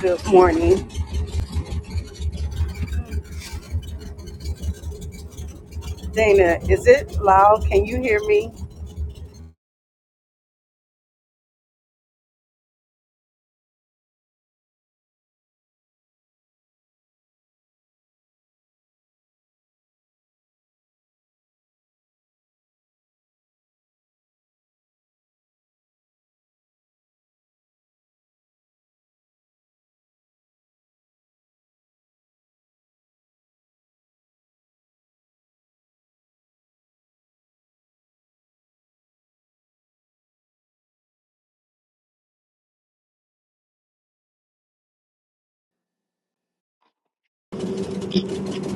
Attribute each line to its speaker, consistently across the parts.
Speaker 1: Good morning. Dana, is it loud? Can you hear me?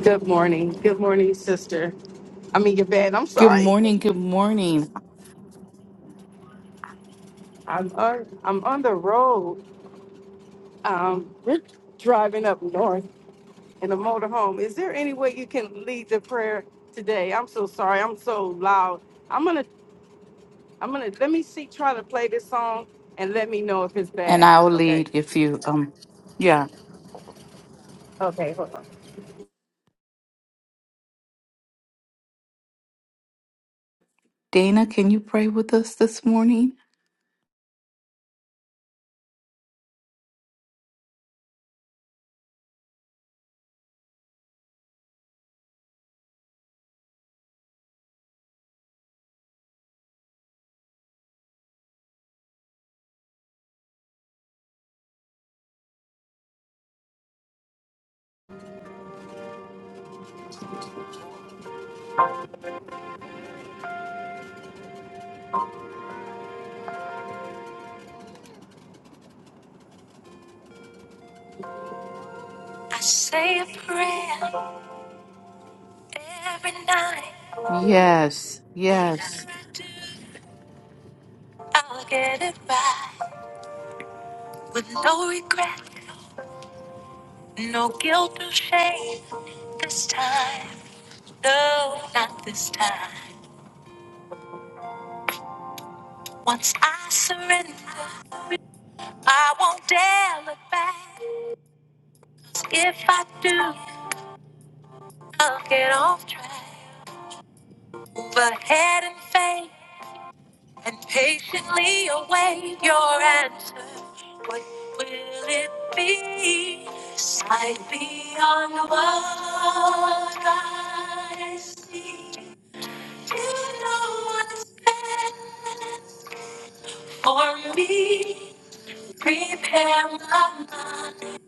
Speaker 1: Good morning. Good morning, sister. I mean, your bed. I'm
Speaker 2: Good
Speaker 1: sorry.
Speaker 2: morning, good morning.
Speaker 1: I'm Uh, I'm on the road. Um, we're driving up north in a motorhome. Is there any way you can lead the prayer today? I'm so sorry. I'm so loud. I'm gonna. I'm gonna. Let me see. Try to play this song and let me know if it's
Speaker 2: And
Speaker 1: bad.
Speaker 2: I'll
Speaker 1: Okay.
Speaker 2: lead if you um yeah.
Speaker 1: Okay. Hold on.
Speaker 2: Dana, can you pray with us this morning?
Speaker 1: I say a prayer every night.
Speaker 2: Yes,
Speaker 1: What you
Speaker 2: yes.
Speaker 1: gotta do? I'll get it right with no regret, no guilt or shame this time. No, not this time. Once I surrender, I won't dare look back. If I do, I'll get off track. Move ahead and face. and patiently await your answer. What will it be? Sight beyond what I see. You know what's best for me. Prepare my mind,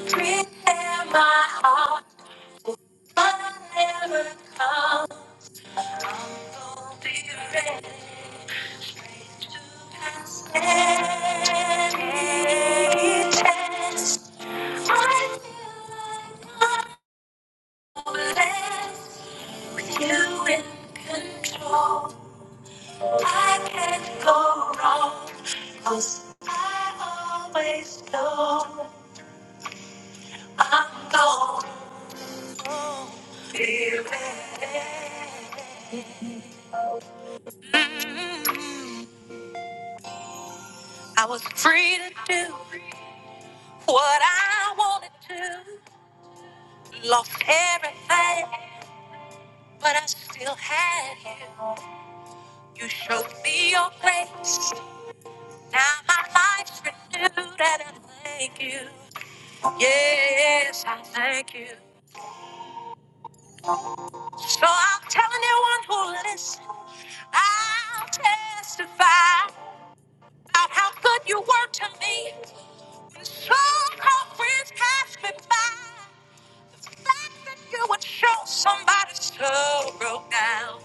Speaker 1: prepare my heart, but never come. Always know I'm gonna be ready. I was free to do what I wanted to. Lost everything, but I still had you. You showed me your grace. Now my life's renewed, and I thank you. Yes, I thank you. So I'll tell anyone who listens. I'll testify about how good you were to me. When so-called friends passed me by, the fact that you would show somebody so broke down.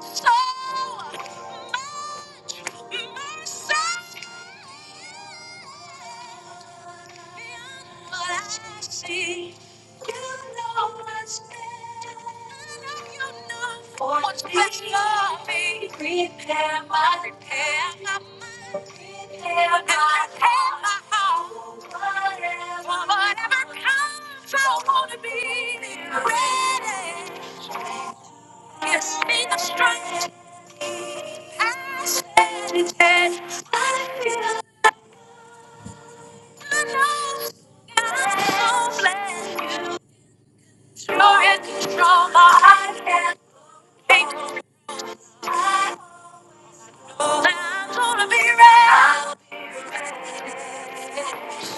Speaker 1: so much mercy. And what I see, you know what's there. You know what's beyond me. Prepare my prepare my mind. Prepare my heart. Prepare my heart. Whatever, whatever comes, I wanna be ready. Gives me the strength I stand and I feel the love i don't blame You're you You're in control, but I can't think I know that I'm gonna be right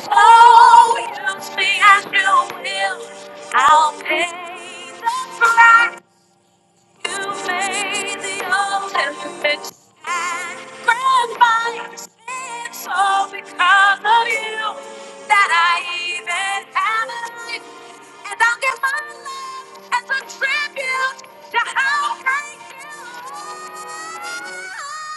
Speaker 1: So use me as you will I'll pay the price You made the old imperfect sacrifice. It's all because of you that I even have a life. And I'll give my love as a tribute to how great you are.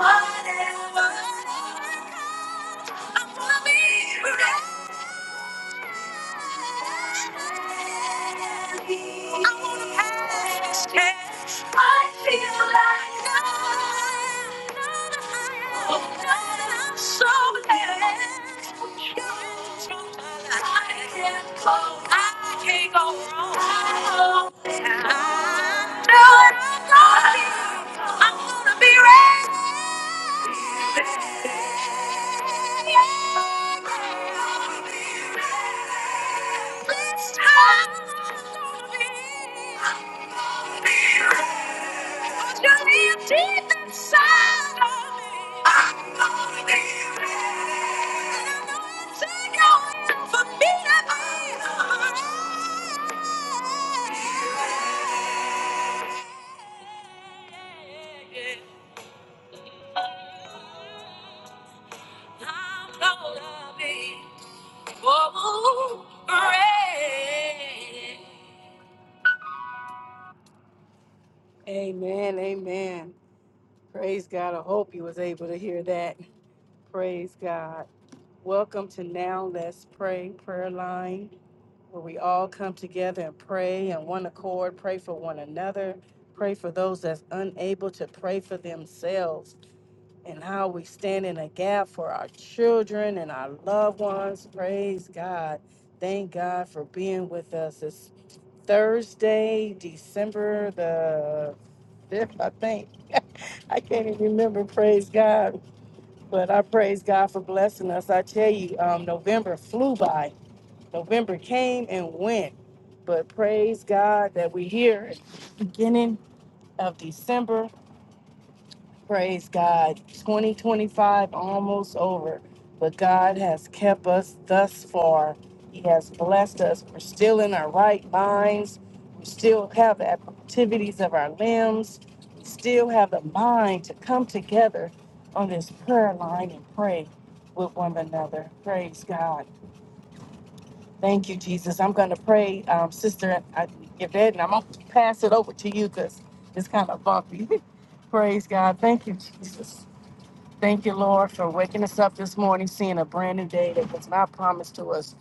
Speaker 1: Whatever. I'm gonna be ready. I wanna pass it. I feel like no, no, no, no, I'm so glad. I can't go, I can't go wrong. I know I know it. I'm gonna be ready. Yeah. I'm gonna be overrated. Amen, amen. Praise God. I hope you was able to hear that. Praise God. Welcome to Now Let's Pray Prayer Line, where we all come together and pray in one accord, pray for one another, pray for those that's unable to pray for themselves. and how we stand in a gap for our children and our loved ones. Praise God. Thank God for being with us. It's Thursday, December the 5th, I think. I can't even remember. Praise God. But I praise God for blessing us. I tell you, um, November flew by, November came and went. But praise God that we're here at the beginning of December Praise God. 2025 almost over, but God has kept us thus far. He has blessed us. We're still in our right minds. We still have the activities of our limbs. We still have the mind to come together on this prayer line and pray with one another. Praise God. Thank you, Jesus. I'm going to pray, um, Sister I- Yvette, and I'm going to pass it over to you because it's kind of bumpy. Praise God. Thank you, Jesus. Thank you, Lord, for waking us up this morning, seeing a brand new day that was not promised to us.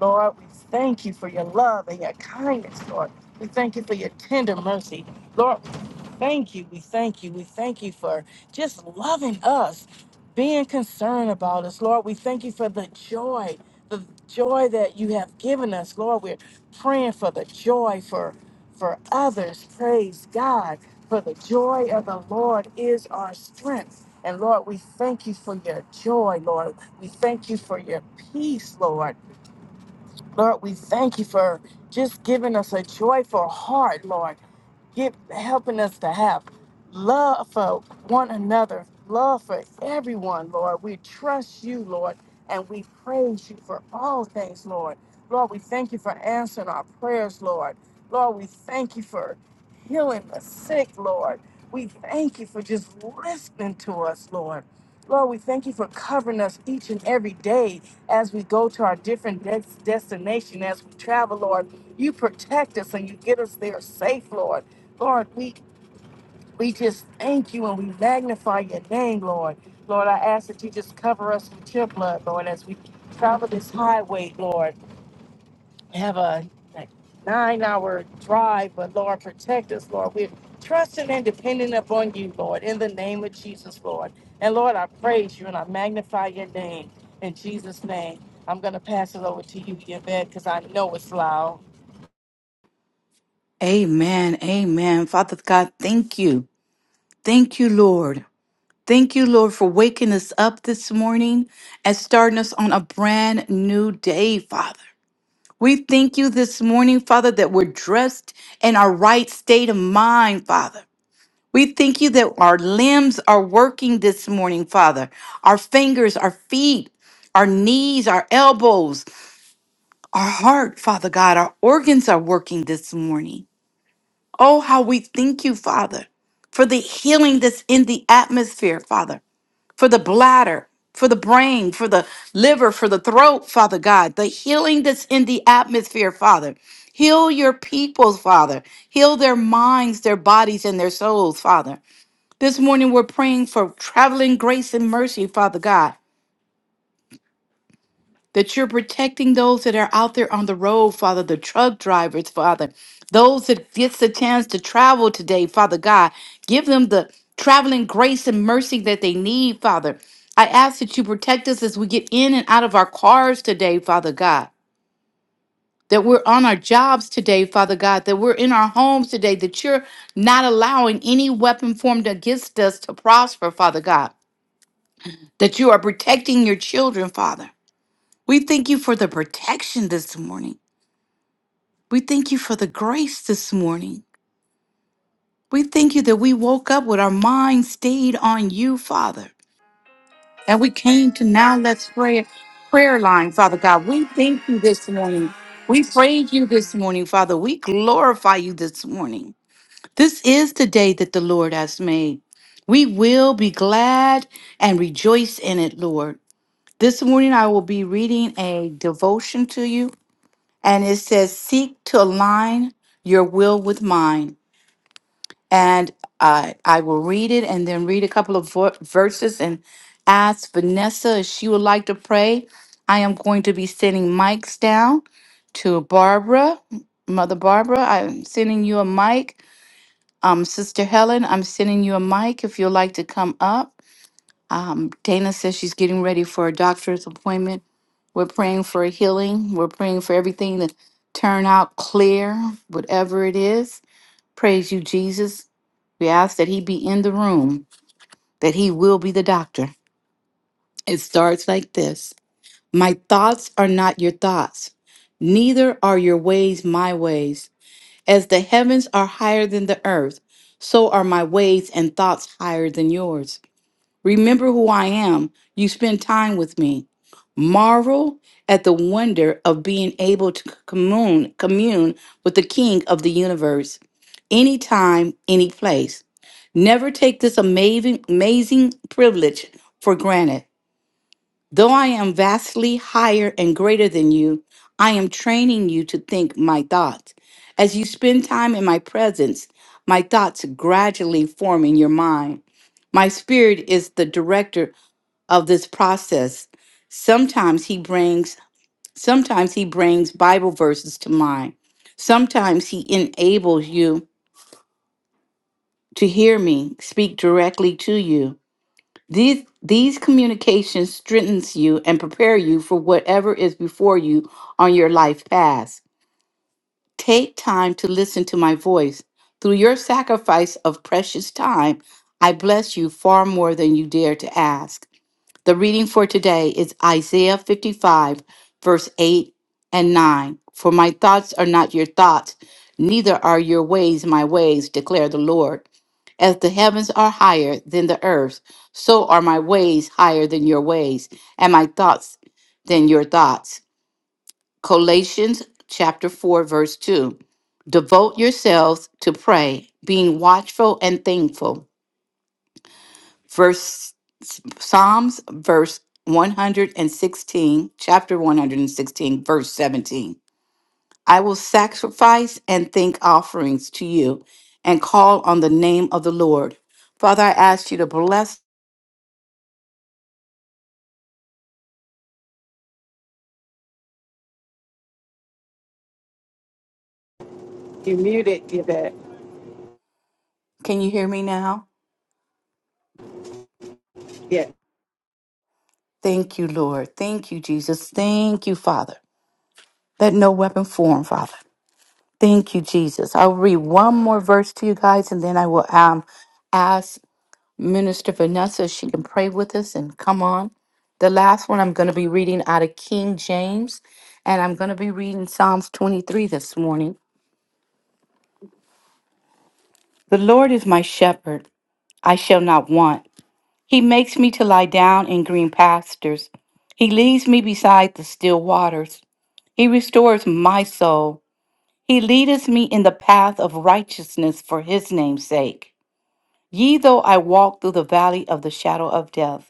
Speaker 1: Lord, we thank you for your love and your kindness, Lord. We thank you for your tender mercy. Lord, we thank you. We thank you. We thank you for just loving us, being concerned about us. Lord, we thank you for the joy, the joy that you have given us. Lord, we're praying for the joy for for others. Praise God. For the joy of the Lord is our strength. And Lord, we thank you for your joy, Lord. We thank you for your peace, Lord. Lord, we thank you for just giving us a joyful heart, Lord. Give, helping us to have love for one another, love for everyone, Lord. We trust you, Lord, and we praise you for all things, Lord. Lord, we thank you for answering our prayers, Lord. Lord, we thank you for healing the sick, Lord. We thank you for just listening to us, Lord. Lord, we thank you for covering us each and every day as we go to our different des- destination, as we travel, Lord, you protect us and you get us there safe, Lord. Lord, we we just thank you and we magnify your name, Lord. Lord, I ask that you just cover us with your blood, Lord, as we travel this highway, Lord have a, a nine hour drive, but Lord, protect us, Lord. We're trusting and depending upon you, Lord, in the name of Jesus, Lord. And Lord, I praise you and I magnify your name in Jesus' name. I'm going to pass it over to you, Yvette, because I know it's loud.
Speaker 2: Amen. Amen. Father God, thank you. Thank you, Lord. Thank you, Lord, for waking us up this morning and starting us on a brand new day, Father. We thank you this morning, Father, that we're dressed in our right state of mind, Father. We thank you that our limbs are working this morning, Father. Our fingers, our feet, our knees, our elbows, our heart, Father God, our organs are working this morning. Oh, how we thank you, Father, for the healing that's in the atmosphere, Father, for the bladder, for the brain, for the liver, for the throat, Father God, the healing that's in the atmosphere, Father. Heal your people, Father. Heal their minds, their bodies, and their souls, Father. This morning, we're praying for traveling grace and mercy, Father God, that you're protecting those that are out there on the road, Father, the truck drivers, Father, those that gets the chance to travel today, Father God. Give them the traveling grace and mercy that they need, Father. I ask that you protect us as we get in and out of our cars today, Father God. That we're on our jobs today, Father God, that we're in our homes today, that you're not allowing any weapon formed against us to prosper, Father God. that you are protecting your children, Father. We thank you for the protection this morning. We thank you for the grace this morning. We thank you that we woke up with our mind stayed on you, Father. And we came to now let's pray prayer line, Father God. We thank you this morning. We praise you this morning, Father. We glorify you this morning. This is the day that the Lord has made. We will be glad and rejoice in it, Lord. This morning I will be reading a devotion to you, and it says, Seek to align your will with mine. And I, I will read it and then read a couple of vo- verses and ask Vanessa if she would like to pray. I am going to be sending mics down to Barbara, Mother Barbara. I'm sending you a mic. Um, Sister Helen, I'm sending you a mic if you'd like to come up. Um, Dana says she's getting ready for a doctor's appointment. We're praying for a healing. We're praying for everything to turn out clear, whatever it is. Praise you, Jesus. We ask that he be in the room, that he will be the doctor. It starts like this My thoughts are not your thoughts, neither are your ways my ways. As the heavens are higher than the earth, so are my ways and thoughts higher than yours. Remember who I am. You spend time with me. Marvel at the wonder of being able to commune, commune with the King of the universe anytime, any place. Never take this amazing, amazing privilege for granted. Though I am vastly higher and greater than you, I am training you to think my thoughts. As you spend time in my presence, my thoughts gradually form in your mind. My spirit is the director of this process. Sometimes he brings sometimes he brings Bible verses to mind. Sometimes he enables you to hear me speak directly to you. These these communications strengthens you and prepare you for whatever is before you on your life path. Take time to listen to my voice. Through your sacrifice of precious time, I bless you far more than you dare to ask. The reading for today is Isaiah 55, verse 8 and 9. For my thoughts are not your thoughts, neither are your ways my ways, declare the Lord. As the heavens are higher than the earth, so are my ways higher than your ways, and my thoughts than your thoughts. Colossians chapter 4, verse 2. Devote yourselves to pray, being watchful and thankful. Verse Psalms, verse 116, chapter 116, verse 17. I will sacrifice and thank offerings to you and call on the name of the Lord. Father, I ask you to bless.
Speaker 1: You muted, Yvette.
Speaker 2: Can you hear me now? Thank you, Lord. Thank you, Jesus. Thank you, Father. Let no weapon form, Father. Thank you, Jesus. I'll read one more verse to you guys and then I will um, ask Minister Vanessa. if She can pray with us and come on. The last one I'm going to be reading out of King James, and I'm going to be reading Psalms 23 this morning. The Lord is my shepherd, I shall not want. He makes me to lie down in green pastures. He leads me beside the still waters. He restores my soul. He leadeth me in the path of righteousness for his name's sake. Yea, though I walk through the valley of the shadow of death,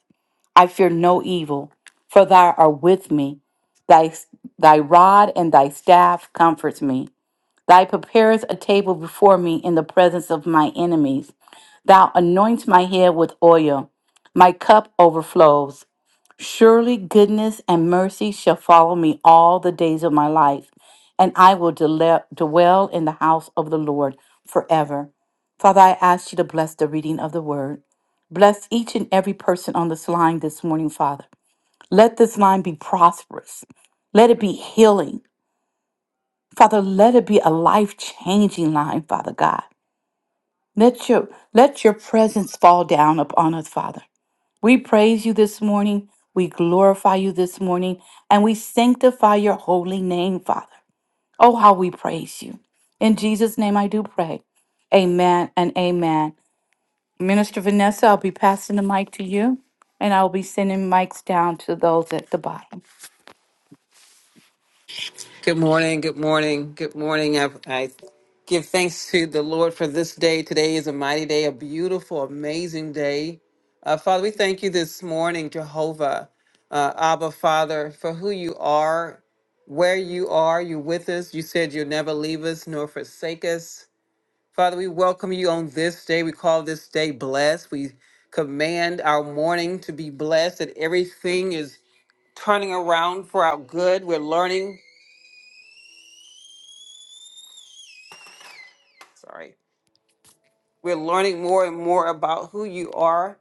Speaker 2: I fear no evil, for thou art with me. Thy, thy rod and thy staff comforts me. Thou preparest a table before me in the presence of my enemies. Thou anoints my head with oil. My cup overflows. Surely goodness and mercy shall follow me all the days of my life, and I will dele- dwell in the house of the Lord forever. Father, I ask you to bless the reading of the word. Bless each and every person on this line this morning, Father. Let this line be prosperous. Let it be healing. Father, let it be a life-changing line, Father God. Let your let your presence fall down upon us, Father. We praise you this morning. We glorify you this morning. And we sanctify your holy name, Father. Oh, how we praise you. In Jesus' name I do pray. Amen and amen. Minister Vanessa, I'll be passing the mic to you. And I will be sending mics down to those at the bottom.
Speaker 3: Good morning, good morning, good morning. I, I give thanks to the Lord for this day. Today is a mighty day, a beautiful, amazing day. Uh, Father, we thank you this morning, Jehovah, uh, Abba, Father, for who you are, where you are. You're with us. You said you'll never leave us nor forsake us. Father, we welcome you on this day. We call this day blessed. We command our morning to be blessed, that everything is turning around for our good. We're learning. Sorry. We're learning more and more about who you are.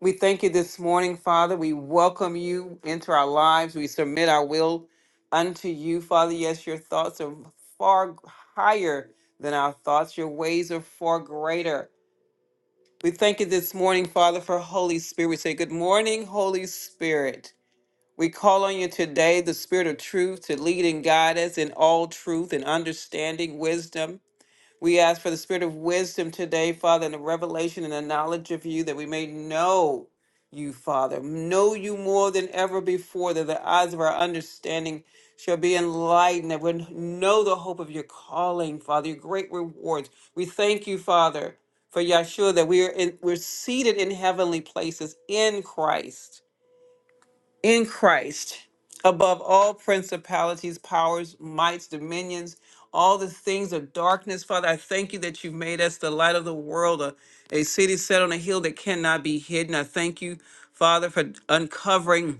Speaker 3: We thank you this morning, Father. We welcome you into our lives. We submit our will unto you, Father. Yes, your thoughts are far higher than our thoughts, your ways are far greater. We thank you this morning, Father, for Holy Spirit. We say, Good morning, Holy Spirit. We call on you today, the Spirit of truth, to lead and guide us in all truth and understanding, wisdom we ask for the spirit of wisdom today, Father, and the revelation and the knowledge of you that we may know you, Father, know you more than ever before, that the eyes of our understanding shall be enlightened, that we know the hope of your calling, Father, your great rewards. We thank you, Father, for Yahshua, that we are in, we're seated in heavenly places in Christ in Christ above all principalities, powers, mights, dominions, all the things of darkness. Father, I thank you that you've made us the light of the world, a, a city set on a hill that cannot be hidden. I thank you, Father, for uncovering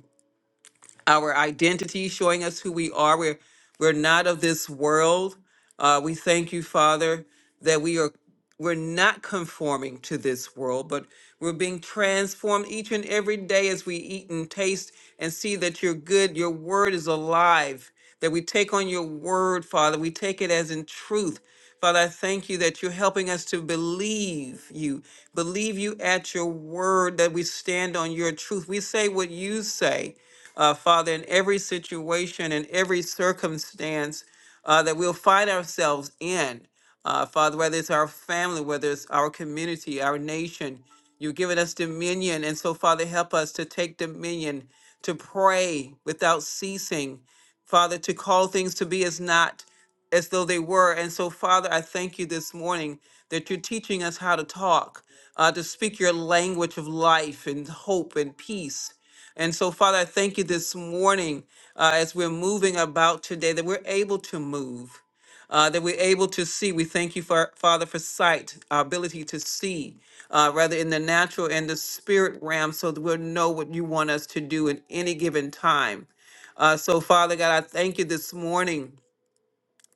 Speaker 3: our identity, showing us who we are. We're we're not of this world. Uh, we thank you, Father, that we are we're not conforming to this world, but we're being transformed each and every day as we eat and taste and see that you're good. Your word is alive. That we take on your word, Father. We take it as in truth. Father, I thank you that you're helping us to believe you, believe you at your word, that we stand on your truth. We say what you say uh, Father, in every situation, in every circumstance uh, that we'll find ourselves in. Uh, Father, whether it's our family, whether it's our community, our nation, you've given us dominion. And so, Father, help us to take dominion, to pray without ceasing, Father, to call things to be as not as though they were. And so, Father, I thank you this morning that you're teaching us how to talk, uh, to speak your language of life and hope and peace. And so, Father, I thank you this morning uh, as we're moving about today that we're able to move, uh, that we're able to see. We thank you, for, Father, for sight, our ability to see, uh, rather in the natural and the spirit realm, so that we'll know what you want us to do in any given time. Uh, so, Father God, I thank you this morning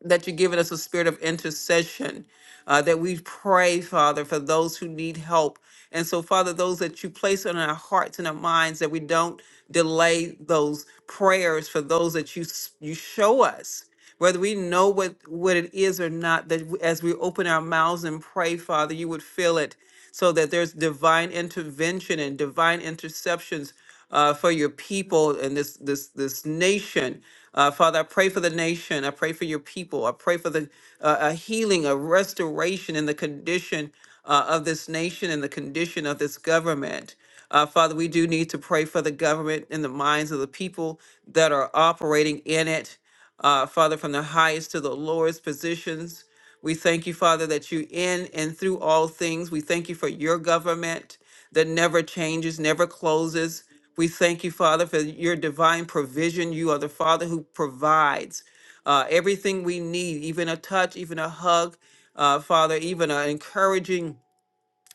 Speaker 3: that you've given us a spirit of intercession, uh, that we pray, Father, for those who need help. And so, Father, those that you place on our hearts and our minds, that we don't delay those prayers for those that you s- you show us, whether we know what what it is or not. That w- as we open our mouths and pray, Father, you would fill it, so that there's divine intervention and divine interceptions uh, for your people and this this this nation. Uh, Father, I pray for the nation. I pray for your people. I pray for the uh, a healing, a restoration in the condition uh, of this nation and the condition of this government. Uh, Father, we do need to pray for the government in the minds of the people that are operating in it. Uh, Father, from the highest to the lowest positions, we thank you, Father, that you in and through all things. We thank you for your government that never changes, never closes. We thank you, Father, for your divine provision. You are the Father who provides uh, everything we need, even a touch, even a hug, uh, Father, even an encouraging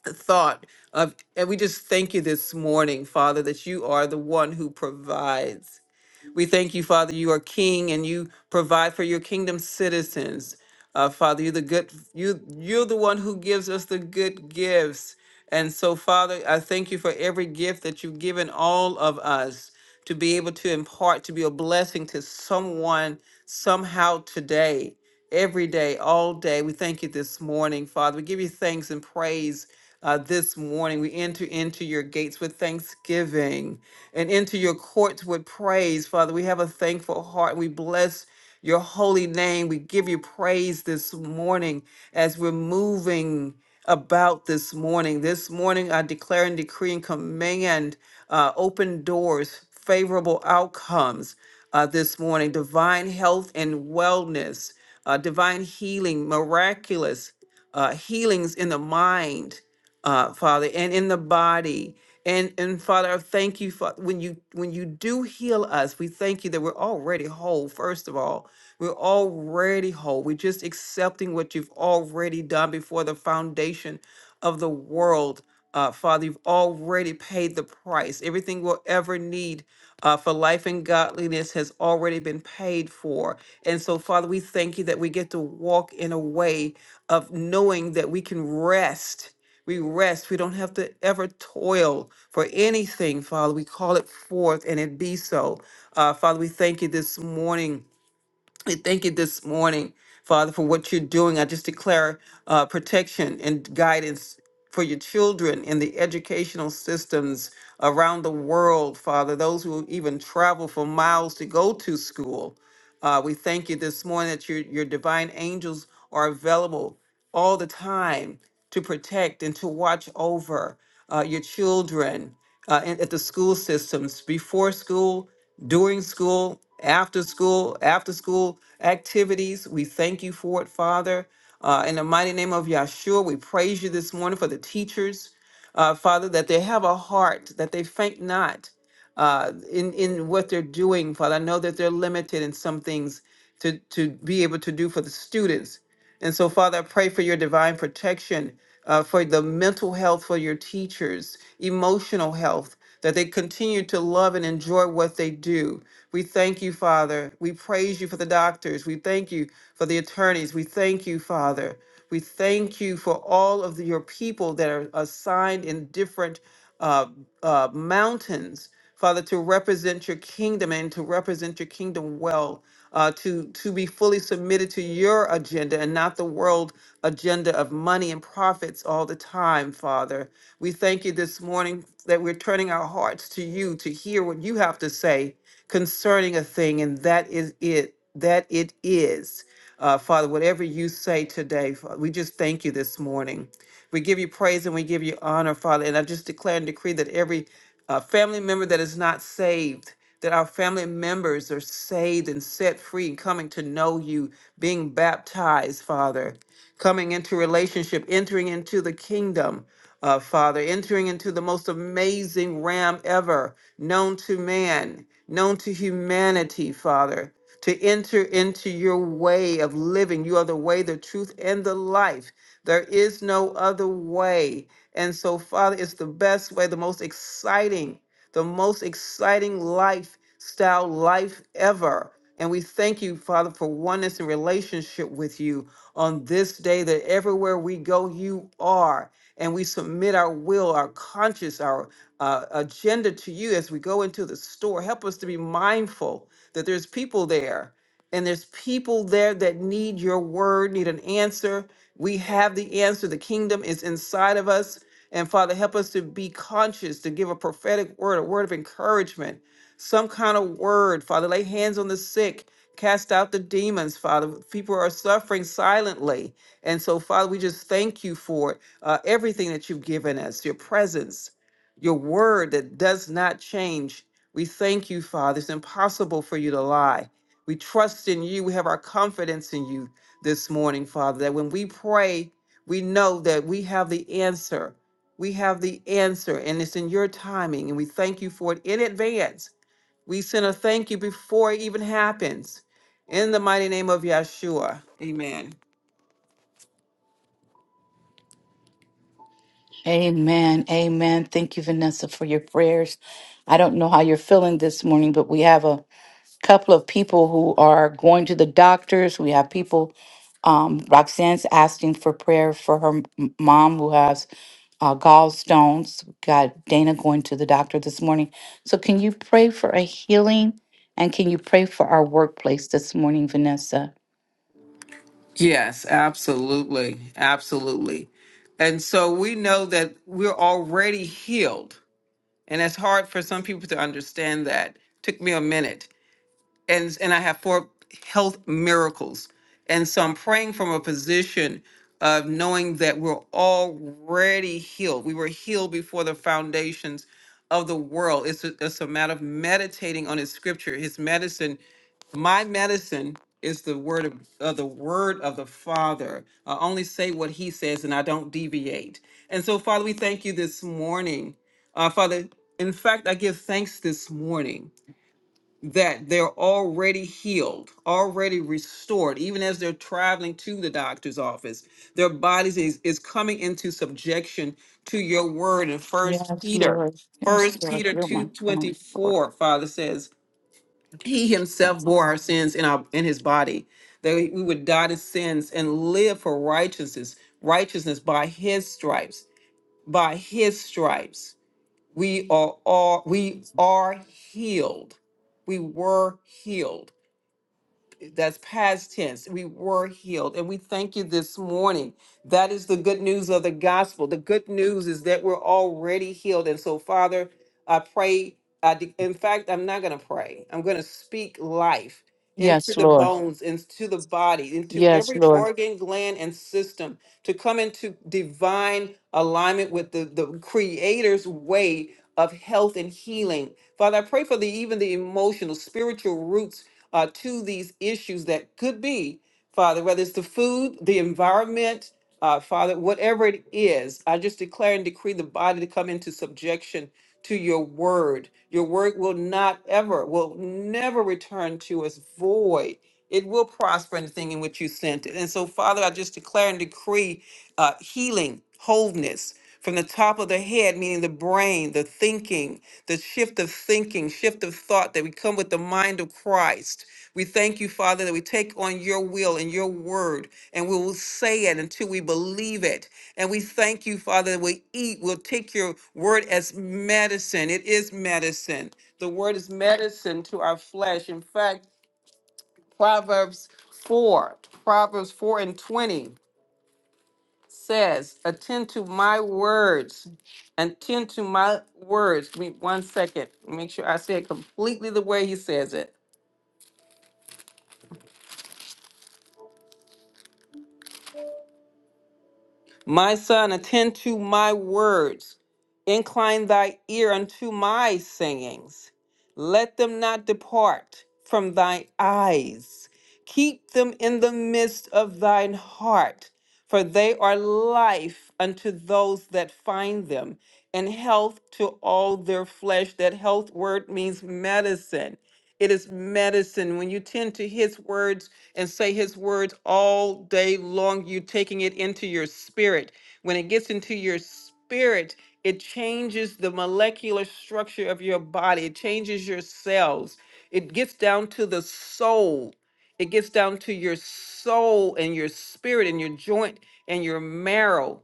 Speaker 3: thought. Of, and we just thank you this morning, Father, that you are the one who provides. We thank you, Father, you are king and you provide for your kingdom citizens. Uh, Father, you're the good you you're the one who gives us the good gifts. And so, Father, I thank you for every gift that you've given all of us to be able to impart, to be a blessing to someone somehow today, every day, all day. We thank you this morning, Father. We give you thanks and praise uh, this morning. We enter into your gates with thanksgiving and into your courts with praise. Father, we have a thankful heart. We bless your holy name. We give you praise this morning as we're moving about this morning. This morning, I declare and decree and command uh, open doors, favorable outcomes uh, this morning, divine health and wellness, uh, divine healing, miraculous uh, healings in the mind uh, Father, and in the body. And and Father, I thank you for when you when you do heal us, we thank you that we're already whole, first of all. We're already whole. We're just accepting what you've already done before the foundation of the world. Uh, Father, you've already paid the price. Everything we'll ever need uh, for life and godliness has already been paid for. And so, Father, we thank you that we get to walk in a way of knowing that we can rest we rest. We don't have to ever toil for anything, Father. We call it forth and it be so. Uh, Father, we thank you this morning. We thank you this morning, Father, for what you're doing. I just declare uh, protection and guidance for your children in the educational systems around the world, Father, those who even travel for miles to go to school. Uh, we thank you this morning that your, your divine angels are available all the time to protect and to watch over uh, your children uh, in, at the school systems before school, during school, after school, after school activities. We thank you for it, Father. Uh, in the mighty name of Yahshua, we praise you this morning for the teachers, uh, Father, that they have a heart, that they faint not, uh, in in what they're doing, Father. I know that they're limited in some things to to be able to do for the students, and so Father, I pray for your divine protection, uh, for the mental health for your teachers, emotional health, that they continue to love and enjoy what they do. We thank you, Father. We praise you for the doctors. We thank you for the attorneys. We thank you, Father. We thank you for all of the- your people that are assigned in different uh, uh, mountains, Father, to represent your kingdom and to represent your kingdom well, uh, to, to be fully submitted to your agenda and not the world agenda of money and profits all the time, Father. We thank you this morning that we're turning our hearts to you to hear what you have to say concerning a thing, and that is it, that it is. Uh, Father, whatever you say today, Fa- we just thank you this morning. We give you praise and we give you honor, Father. And I just declare and decree that every uh, family member that is not saved, that our family members are saved and set free and coming to know you, being baptized, Father coming into relationship, entering into the kingdom, uh, Father, entering into the most amazing ram ever known to man, known to humanity, Father, to enter into your way of living. You are the way, the truth, and the life. There is no other way. And so, Father, it's the best way, the most exciting, the most exciting lifestyle life ever. And we thank you, Father, for oneness and relationship with you on this day that everywhere we go, you are. And we submit our will, our conscience, our uh, agenda to you as we go into the store. Help us to be mindful that there's people there and there's people there that need your word, need an answer. We have the answer. The kingdom is inside of us. And Father, help us to be conscious, to give a prophetic word, a word of encouragement, some kind of word. Father, lay hands on the sick Cast out the demons, Father. People are suffering silently. And so, Father, we just thank you for uh, everything that you've given us, your presence, your word that does not change. We thank you, Father. It's impossible for you to lie. We trust in you. We have our confidence in you this morning, Father, that when we pray, we know that we have the answer. We have the answer, and it's in your timing, and we thank you for it in advance. We send a thank you before it even happens. In the mighty name of Yeshua. Amen.
Speaker 2: Amen. Amen. Thank you, Vanessa, for your prayers. I don't know how you're feeling this morning, but we have a couple of people who are going to the doctors. We have people, um, Roxanne's asking for prayer for her m- mom who has uh, gallstones. Got Dana going to the doctor this morning. So, can you pray for a healing and can you pray for our workplace this morning, Vanessa?
Speaker 3: Yes, absolutely. Absolutely. And so we know that we're already healed. And it's hard for some people to understand that. Took me a minute. and and I have four health miracles. And so I'm praying from a position of knowing that we're already healed. We were healed before the foundations of the world. It's a, it's a matter of meditating on his scripture, his medicine. My medicine is the word of, of the word of the Father. I only say what he says and I don't deviate. And so, Father, we thank you this morning. Uh, Father, in fact, I give thanks this morning that they're already healed, already restored, even as they're traveling to the doctor's office. Their bodies is, is coming into subjection to your word. And first
Speaker 2: Yes,
Speaker 3: Peter,
Speaker 2: Lord. Yes,
Speaker 3: first
Speaker 2: Lord.
Speaker 3: Peter
Speaker 2: You're my son, Lord.
Speaker 3: 2:24, Father says, He himself bore our sins in our in his body, that we we would die to sins and live for righteousness, righteousness by his stripes, by his stripes we are all we are healed we were healed that's past tense. We were healed. And we thank you this morning. That is the good news of the gospel. The good news is that we're already healed. And so, Father, I pray. I de- in fact, I'm not going to pray. I'm going to speak life into
Speaker 2: Yes,
Speaker 3: the
Speaker 2: Lord.
Speaker 3: bones, into the body, into
Speaker 2: Yes,
Speaker 3: every
Speaker 2: Lord.
Speaker 3: organ, gland, and system to come into divine alignment with the, the Creator's way of health and healing. Father, I pray for the even the emotional, spiritual roots uh, to these issues that could be, Father, whether it's the food, the environment, uh, Father, whatever it is, I just declare and decree the body to come into subjection to your word. Your word will not ever, will never return to us void. It will prosper in the thing in which you sent it. And so, Father, I just declare and decree uh, healing, wholeness from the top of the head, meaning the brain, the thinking, the shift of thinking, shift of thought, that we come with the mind of Christ. We thank you, Father, that we take on your will and your word, and we will say it until we believe it. And we thank you, Father, that we eat, we'll take your word as medicine. It is medicine. The word is medicine to our flesh. In fact, Proverbs 4, Proverbs 4 and 20 says, attend to my words. Attend to my words. Give me one second. Make sure I say it completely the way he says it. My son, attend to my words. Incline thy ear unto my sayings. Let them not depart from thy eyes. Keep them in the midst of thine heart, for they are life unto those that find them, and health to all their flesh. That health word means medicine. It is medicine. When you tend to his words, and say his words all day long. You're taking it into your spirit. When it gets into your spirit, it changes the molecular structure of your body, it changes your cells, it gets down to the soul. It gets down to your soul and your spirit and your joint and your marrow.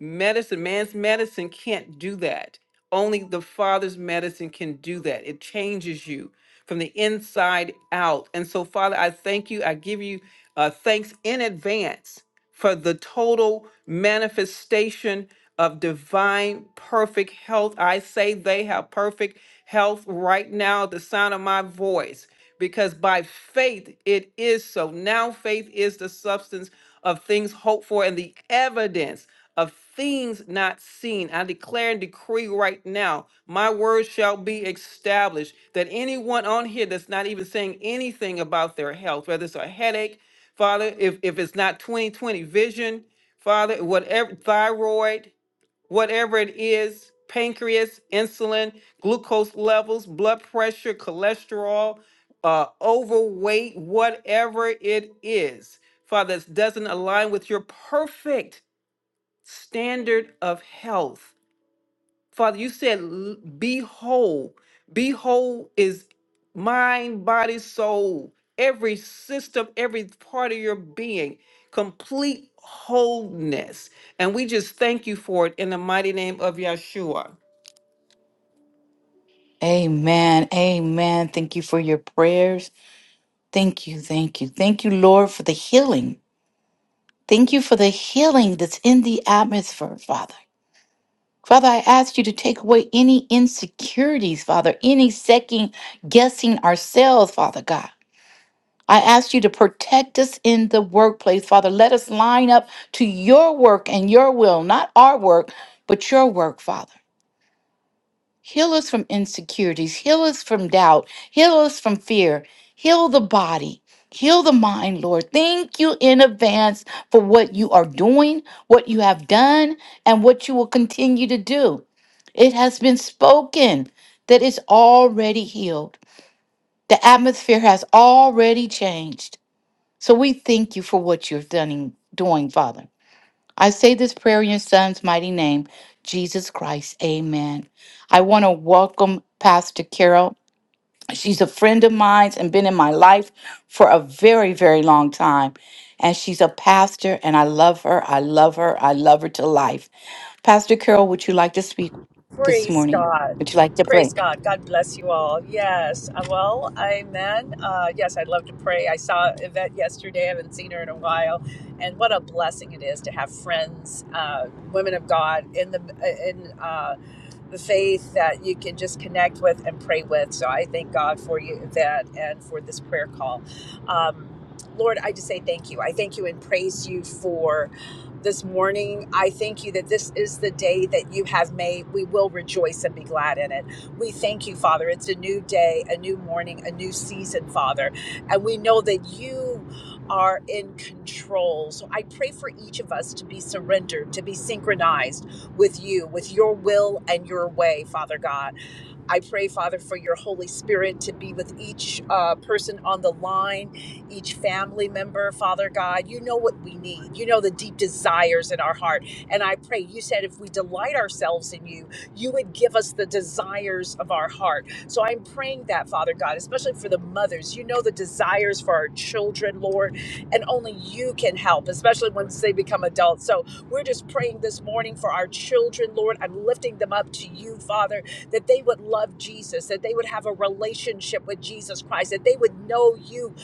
Speaker 3: Medicine, man's medicine can't do that. Only the Father's medicine can do that. It changes you from the inside out. And so, Father, I thank you. I give you uh, thanks in advance for the total manifestation of divine perfect health. I say they have perfect health right now, the sound of my voice because by faith it is so. Now faith is the substance of things hoped for and the evidence of things not seen. I declare and decree right now, my word shall be established. That anyone on here that's not even saying anything about their health, whether it's a headache, Father, if, if it's not 2020 vision, Father, whatever, thyroid, whatever it is pancreas, insulin, glucose levels, blood pressure, cholesterol, uh, overweight, whatever it is, Father, that doesn't align with your perfect standard of health. Father, you said, "L- be whole. Be whole is mind, body, soul, every system, every part of your being, complete wholeness. And we just thank you for it in the mighty name of Yeshua.
Speaker 2: Amen. Amen. Thank you for your prayers. Thank you. Thank you. Thank you, Lord, for the healing. Thank you for the healing that's in the atmosphere, Father. Father, I ask you to take away any insecurities, Father, any second guessing ourselves, Father God. I ask you to protect us in the workplace, Father. Let us line up to your work and your will, not our work, but your work, Father. Heal us from insecurities. Heal us from doubt. Heal us from fear. Heal the body. Heal the mind, Lord. Thank you in advance for what you are doing, what you have done, and what you will continue to do. It has been spoken that it's already healed. The atmosphere has already changed. So we thank you for what you're done, doing, Father. I say this prayer in your son's mighty name, Jesus Christ. Amen. I want to welcome Pastor Carol. She's a friend of mine and been in my life for a very, very long time. And she's a pastor, and I love her. I love her. I love her to life. Pastor Carol, would you like to speak this
Speaker 4: Praise
Speaker 2: morning?
Speaker 4: God.
Speaker 2: Would you like to pray?
Speaker 4: Praise God. God bless you all. Yes. Uh, Well, amen. Uh, yes, I'd love to pray. I saw Yvette yesterday. I haven't seen her in a while. And what a blessing it is to have friends, uh, women of God in the, in, uh, the faith that you can just connect with and pray with. So I thank God for you, Yvette, and for this prayer call. Um, Lord, I just say thank you. I thank you and praise you for this morning. I thank you that this is the day that you have made. We will rejoice and be glad in it. We thank you, Father. It's a new day, a new morning, a new season, Father. And we know that you are in control. So I pray for each of us to be surrendered, to be synchronized with you, with your will and your way, Father God. I pray, Father, for your Holy Spirit to be with each uh, person on the line, each family member, Father God. You know what we need. You know the deep desires in our heart. And I pray, you said if we delight ourselves in you, you would give us the desires of our heart. So I'm praying that, Father God, especially for the mothers. You know the desires for our children, Lord, and only you can help, especially once they become adults. So we're just praying this morning for our children, Lord. I'm lifting them up to you, Father that they would love Jesus, that they would have a relationship with Jesus Christ, that they would know you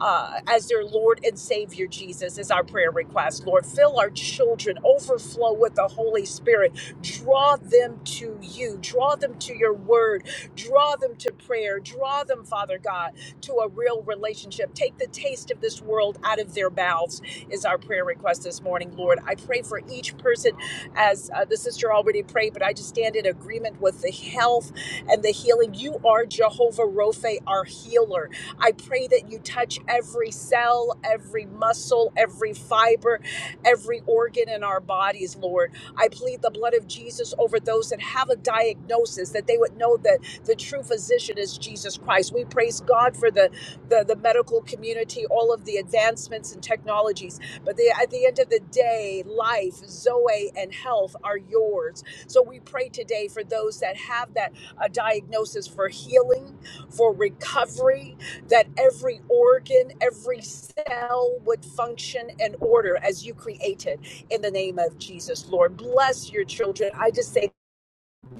Speaker 4: uh, as their Lord and Savior, Jesus, is our prayer request. Lord, fill our children, overflow with the Holy Spirit. Draw them to you, draw them to your word, draw them to prayer, draw them, Father God, to a real relationship. Take the taste of this world out of their mouths, is our prayer request this morning, Lord. I pray for each person as uh, the sister already prayed, but I just stand in agreement with the health and the healing. You are Jehovah Rophe, our healer. I pray that you touch every cell, every muscle, every fiber, every organ in our bodies, Lord. I plead the blood of Jesus over those that have a diagnosis, that they would know that the true physician is Jesus Christ. We praise God for the, the, the medical community, all of the advancements and technologies but the, at the end of the day, life, Zoe, and health are yours. So we pray today for those that have that uh, diagnosis for healing, for recovery, that every organ, every cell would function in order as you created in the name of Jesus, Lord. Bless your children. I just say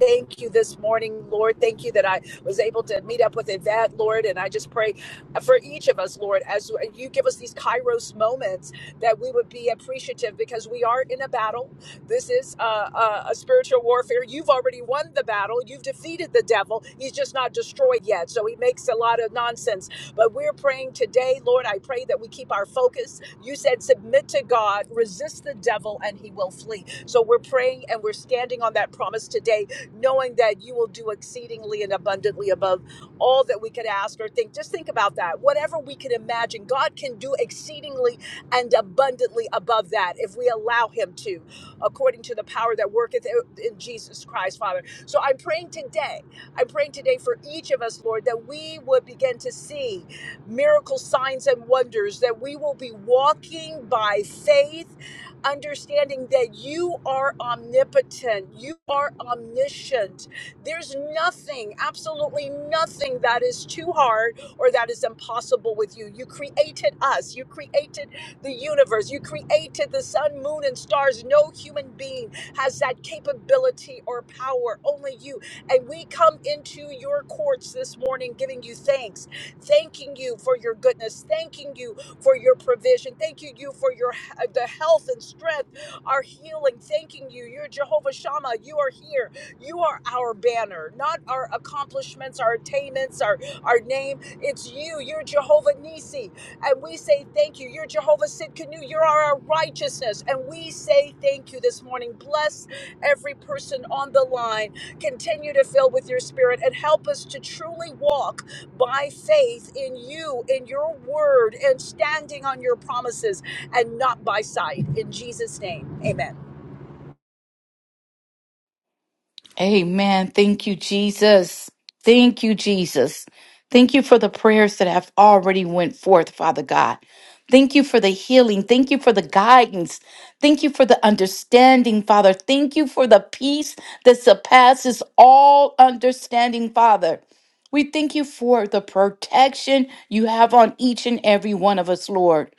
Speaker 4: Thank you this morning, Lord. Thank you that I was able to meet up with Yvette, Lord. And I just pray for each of us, Lord, as you give us these Kairos moments, that we would be appreciative because we are in a battle. This is a, a, a spiritual warfare. You've already won the battle, you've defeated the devil. He's just not destroyed yet. So he makes a lot of nonsense. But we're praying today, Lord. I pray that we keep our focus. You said, submit to God, resist the devil, and he will flee. So we're praying and we're standing on that promise today knowing that you will do exceedingly and abundantly above all that we could ask or think. Just think about that. Whatever we could imagine, God can do exceedingly and abundantly above that if we allow Him to, according to the power that worketh in Jesus Christ, Father. So I'm praying today. I'm praying today for each of us, Lord, that we would begin to see miracle signs and wonders, that we will be walking by faith understanding that you are omnipotent, you are omniscient. There's nothing, absolutely nothing that is too hard or that is impossible with you. You created us, you created the universe, you created the sun, moon, and stars. No human being has that capability or power, only you. And we come into your courts this morning giving you thanks, thanking you for your goodness, thanking you for your provision. Thank you, you for your uh, the health and strength, our healing. Thanking you. You're Jehovah Shammah. You are here. You are our banner, not our accomplishments, our attainments, our, our name. It's you. You're Jehovah Nisi. And we say thank you. You're Jehovah Sidkenu. You're our righteousness. And we say thank you this morning. Bless every person on the line. Continue to fill with your spirit and help us to truly walk by faith in you, in your word, and standing on your promises and not by sight. In Jesus' name, amen.
Speaker 2: Amen. Thank you, Jesus. Thank you, Jesus. Thank you for the prayers that have already went forth, Father God. Thank you for the healing. Thank you for the guidance. Thank you for the understanding, Father. Thank you for the peace that surpasses all understanding, Father. We thank you for the protection you have on each and every one of us, Lord.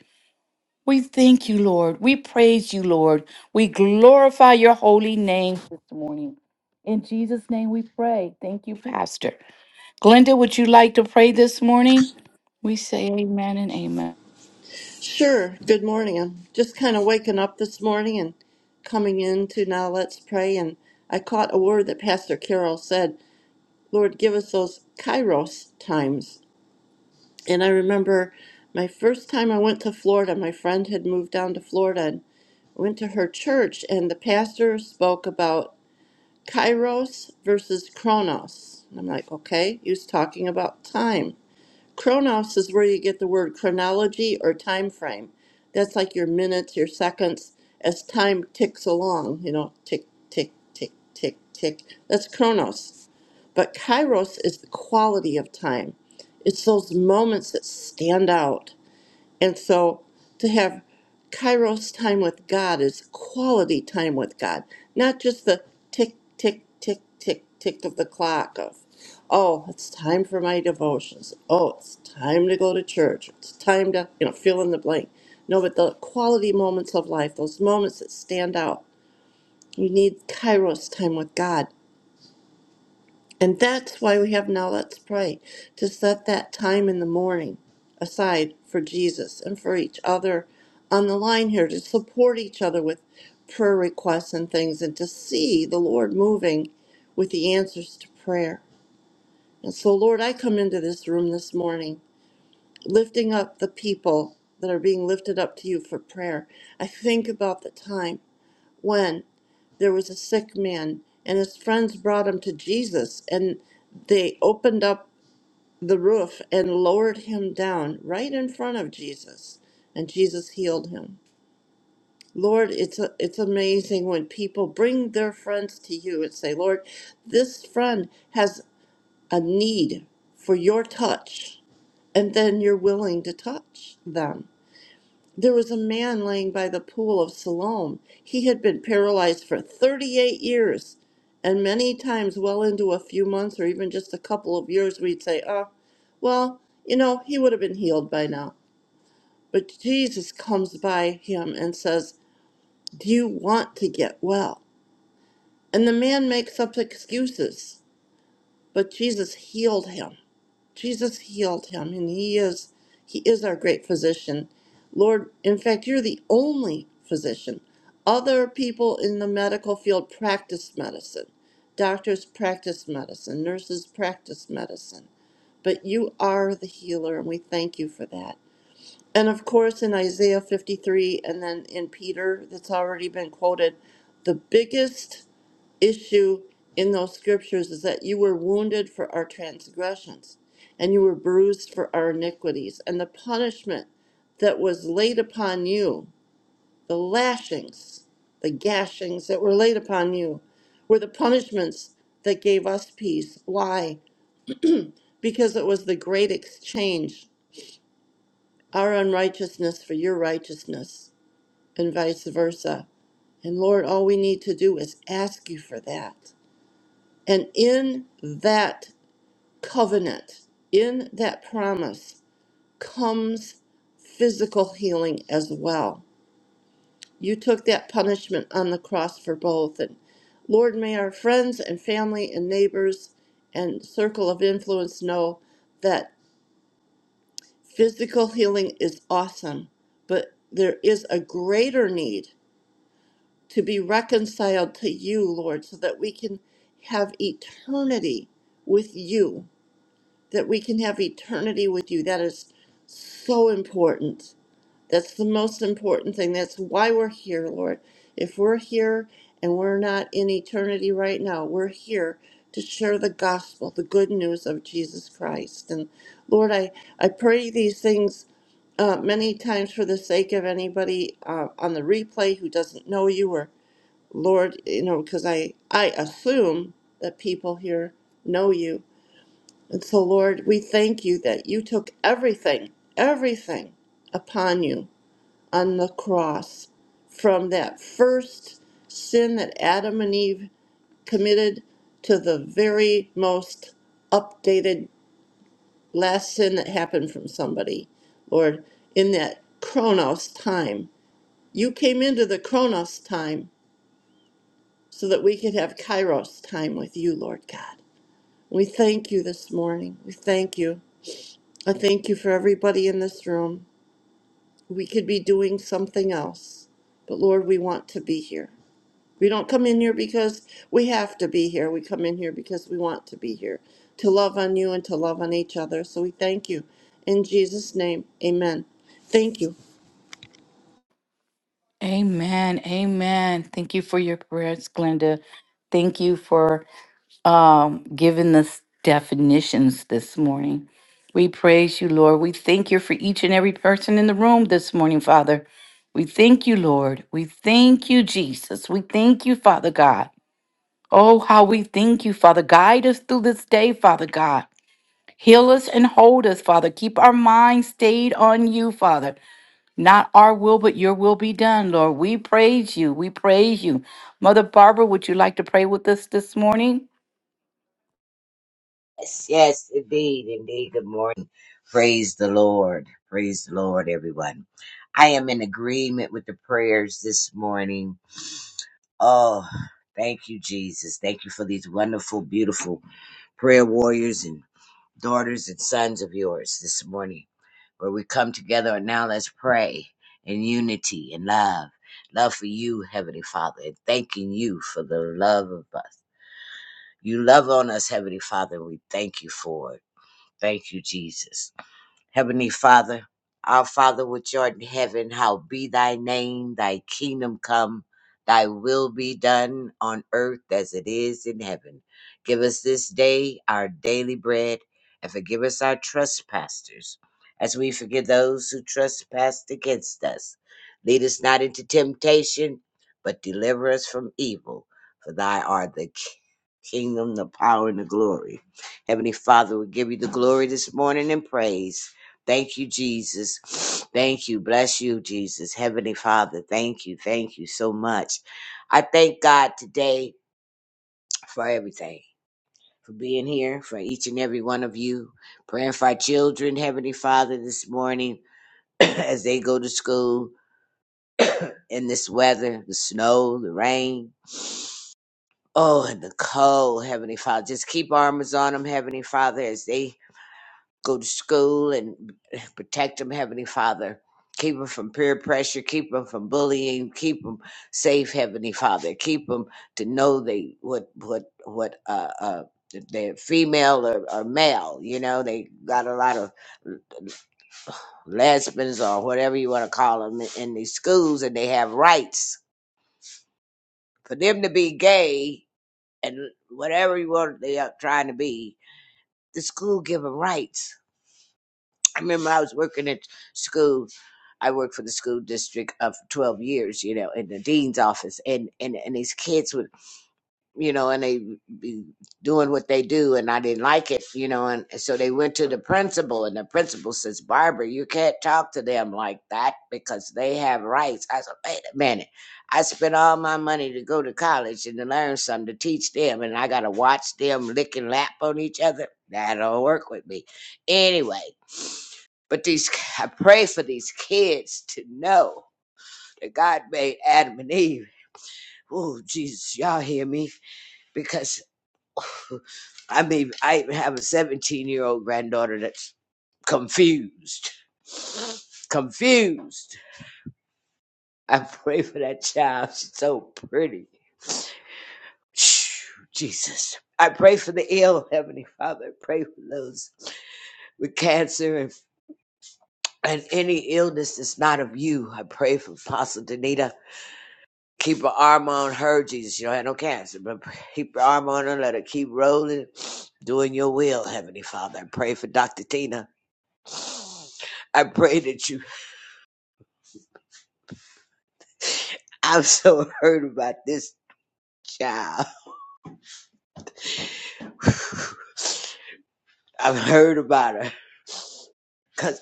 Speaker 2: We thank you, Lord. We praise you, Lord. We glorify your holy name this morning. In Jesus' name we pray. Thank you, Pastor. Glenda, would you like to pray this morning? We say amen and amen.
Speaker 5: Sure. Good morning. I'm just kind of waking up this morning and coming into now let's pray. And I caught a word that Pastor Carol said, Lord, give us those kairos times. And I remember my first time I went to Florida, my friend had moved down to Florida and went to her church, and the pastor spoke about kairos versus chronos. And I'm like, okay, he was talking about time. Chronos is where you get the word chronology or time frame. That's like your minutes, your seconds, as time ticks along, you know, tick, tick, tick, tick, tick. That's chronos. But kairos is the quality of time, it's those moments that stand out. And so to have kairos time with God is quality time with God, not just the tick, tick, tick, tick, tick of the clock of, oh, it's time for my devotions. Oh, it's time to go to church. It's time to, you know, fill in the blank. No, but the quality moments of life, those moments that stand out. You need kairos time with God. And that's why we have Now Let's Pray to set that time in the morning aside for Jesus and for each other on the line here to support each other with prayer requests and things and to see the Lord moving with the answers to prayer. And so, Lord, I come into this room this morning lifting up the people that are being lifted up to you for prayer. I think about the time when there was a sick man and his friends brought him to Jesus and they opened up the roof and lowered him down right in front of Jesus and Jesus healed him. Lord, it's a, it's amazing when people bring their friends to you and say, "Lord, this friend has a need for your touch." And then you're willing to touch them. There was a man laying by the pool of Siloam. He had been paralyzed for 38 years. And many times, well into a few months or even just a couple of years, we'd say, oh, well, you know, he would have been healed by now. But Jesus comes by him and says, Do you want to get well? And the man makes up excuses, but Jesus healed him. Jesus healed him, and he is he is our great physician. Lord, in fact, you're the only physician. Other people in the medical field practice medicine. Doctors practice medicine, nurses practice medicine, but you are the healer, and we thank you for that. And of course, in Isaiah 53 and then in Peter, that's already been quoted, the biggest issue in those scriptures is that you were wounded for our transgressions and you were bruised for our iniquities. And the punishment that was laid upon you, the lashings, the gashings that were laid upon you, were the punishments that gave us peace. Why? Because it was the great exchange, our unrighteousness for your righteousness, and vice versa. And Lord, all we need to do is ask you for that. And in that covenant, in that promise, comes physical healing as well. You took that punishment on the cross for both. And Lord, may our friends and family and neighbors and circle of influence know that physical healing is awesome, but there is a greater need to be reconciled to you, Lord, so that we can have eternity with you that we can have eternity with you. That is so important. That's the most important thing. That's why we're here, Lord. If we're here and we're not in eternity right now, we're here to share the gospel, the good news of Jesus Christ. And Lord, I, I pray these things uh, many times for the sake of anybody uh, on the replay who doesn't know you or Lord, you know, because I, I assume that people here know you and so, Lord, we thank you that you took everything, everything upon you on the cross from that first sin that Adam and Eve committed to the very most updated last sin that happened from somebody. Lord, in that Chronos time, you came into the Chronos time so that we could have Kairos time with you, Lord God. We thank you this morning. We thank you. I thank you for everybody in this room. We could be doing something else, but Lord, we want to be here. We don't come in here because we have to be here. We come in here because we want to be here, to love on you and to love on each other. So we thank you. In Jesus' name, amen. Thank you.
Speaker 2: Amen. Amen. Thank you for your prayers, Glenda. Thank you for um, given us definitions this morning. We praise you, Lord. We thank you for each and every person in the room this morning, Father. We thank you, Lord. We thank you, Jesus. We thank you, Father God. Oh, how we thank you, Father. Guide us through this day, Father God. Heal us and hold us, Father. Keep our minds stayed on you, Father. Not our will, but your will be done, Lord. We praise you. We praise you. Mother Barbara, would you like to pray with us this morning?
Speaker 6: Yes, yes, indeed, indeed. Good morning. Praise the Lord. Praise the Lord, everyone. I am in agreement with the prayers this morning. Oh, thank you, Jesus. Thank you for these wonderful, beautiful prayer warriors and daughters and sons of yours this morning, where we come together and now let's pray in unity and love. Love for you, Heavenly Father, and thanking you for the love of us. You love on us, Heavenly Father, and we thank you for it. Thank you, Jesus. Heavenly Father, our Father which art in heaven, how be thy name, thy kingdom come, thy will be done on earth as it is in heaven. Give us this day our daily bread, and forgive us our trespasses, as we forgive those who trespass against us. Lead us not into temptation, but deliver us from evil. For thy art the ki- kingdom, the power, and the glory. Heavenly Father, we give you the glory this morning and praise. Thank you, Jesus. Thank you. Bless you, Jesus. Heavenly Father, thank you. Thank you so much. I thank God today for everything, for being here, for each and every one of you, praying for our children, Heavenly Father, this morning as they go to school in this weather, the snow, the rain. Oh, and the cold, Heavenly Father. Just keep armors on them, Heavenly Father, as they go to school and protect them, Heavenly Father. Keep them from peer pressure. Keep them from bullying. Keep them safe, Heavenly Father. Keep them to know they what what what uh uh if they're female or, or male. You know they got a lot of lesbians or whatever you want to call them in, in these schools, and they have rights for them to be gay and whatever you want they are trying to be. The school give them rights I remember I was working at school. I worked for the school district of twelve years, you know, in the dean's office, and and and these kids would you know, and they be doing what they do, and I didn't like it, you know, and so they went to the principal, and the principal says, Barbara, you can't talk to them like that because they have rights. I said, wait a minute, I spent all my money to go to college and to learn something to teach them, and I got to watch them lick and lap on each other. That don't work with me, anyway. But these, I pray for these kids to know that God made Adam and Eve. Oh, Jesus, y'all hear me? Because I mean, I even have a 17 year old granddaughter that's confused. Confused. I pray for that child. She's so pretty. Phew, Jesus. I pray for the ill, Heavenly Father. I pray for those with cancer and, and any illness that's not of you. I pray for Apostle Danita. Keep her arm on her, Jesus. She don't have no cancer, but keep her arm on her. Let her keep rolling, doing your will, Heavenly Father. I pray for Dr. Tina. I pray that you. I've so heard about this child. I've heard about her. Cause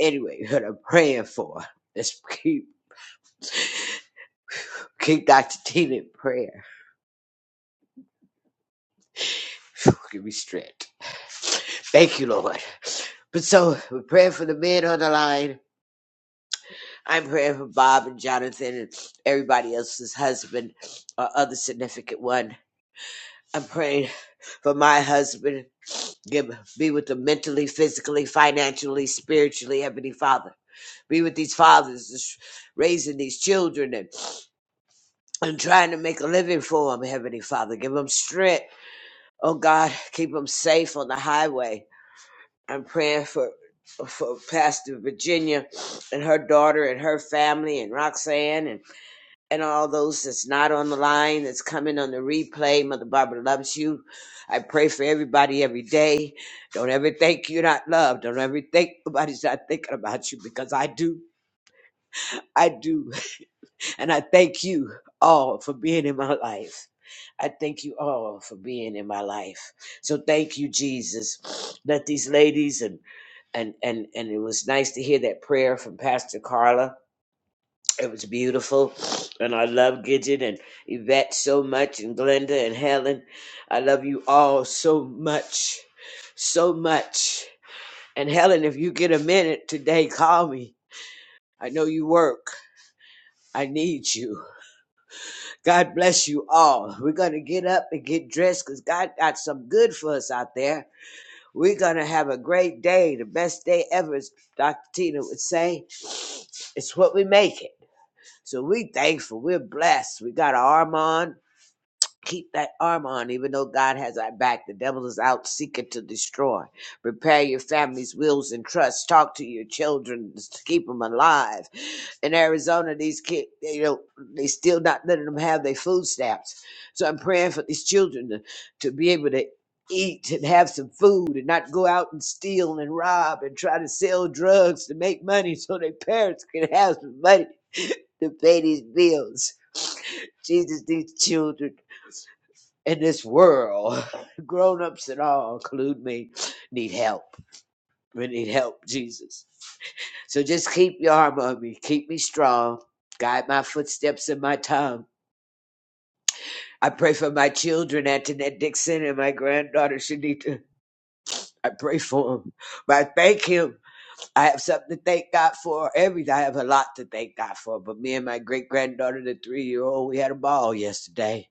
Speaker 6: anyway, what I'm praying for. Let's keep keep Dr. Tina in prayer. Give me strength. Thank you, Lord. But so we're praying for the men on the line. I'm praying for Bob and Jonathan and everybody else's husband or other significant one. I'm praying for my husband Give, be with them mentally, physically, financially, spiritually, Heavenly Father. Be with these fathers raising these children and, and trying to make a living for them, Heavenly Father. Give them strength. Oh God, keep them safe on the highway. I'm praying for for Pastor Virginia and her daughter and her family and Roxanne and and all those that's not on the line, that's coming on the replay. Mother Barbara loves you. I pray for everybody every day. Don't ever think you're not loved. Don't ever think nobody's not thinking about you because I do. I do. And I thank you all for being in my life. I thank you all for being in my life. So thank you, Jesus. Let these ladies and and and and it was nice to hear that prayer from Pastor Carla it was beautiful, and I love Gidget and Yvette so much, and Glenda and Helen. I love you all so much, so much. And Helen, if you get a minute today, call me. I know you work. I need you. God bless you all. We're going to get up and get dressed because God got some good for us out there. We're going to have a great day, the best day ever, as Dr. Tina would say. It's what we make it. So we thankful. We're blessed. We got an arm on. Keep that armor on, even though God has our back. The devil is out seeking to destroy. Prepare your family's wills and trusts. Talk to your children to keep them alive. In Arizona, these kids, you know, they still not letting them have their food stamps. So I'm praying for these children to, to be able to eat and have some food and not go out and steal and rob and try to sell drugs to make money so their parents can have some money to pay these bills. Jesus, these children in this world, grown ups and all, include me, need help. We need help, Jesus. So just keep your arm on me. Keep me strong. Guide my footsteps and my tongue. I pray for my children, Antoinette Dixon and my granddaughter, Shanita. I pray for them. I thank him. I have something to thank God for. Every I have a lot to thank God for. But me and my great granddaughter, the three year old, we had a ball yesterday.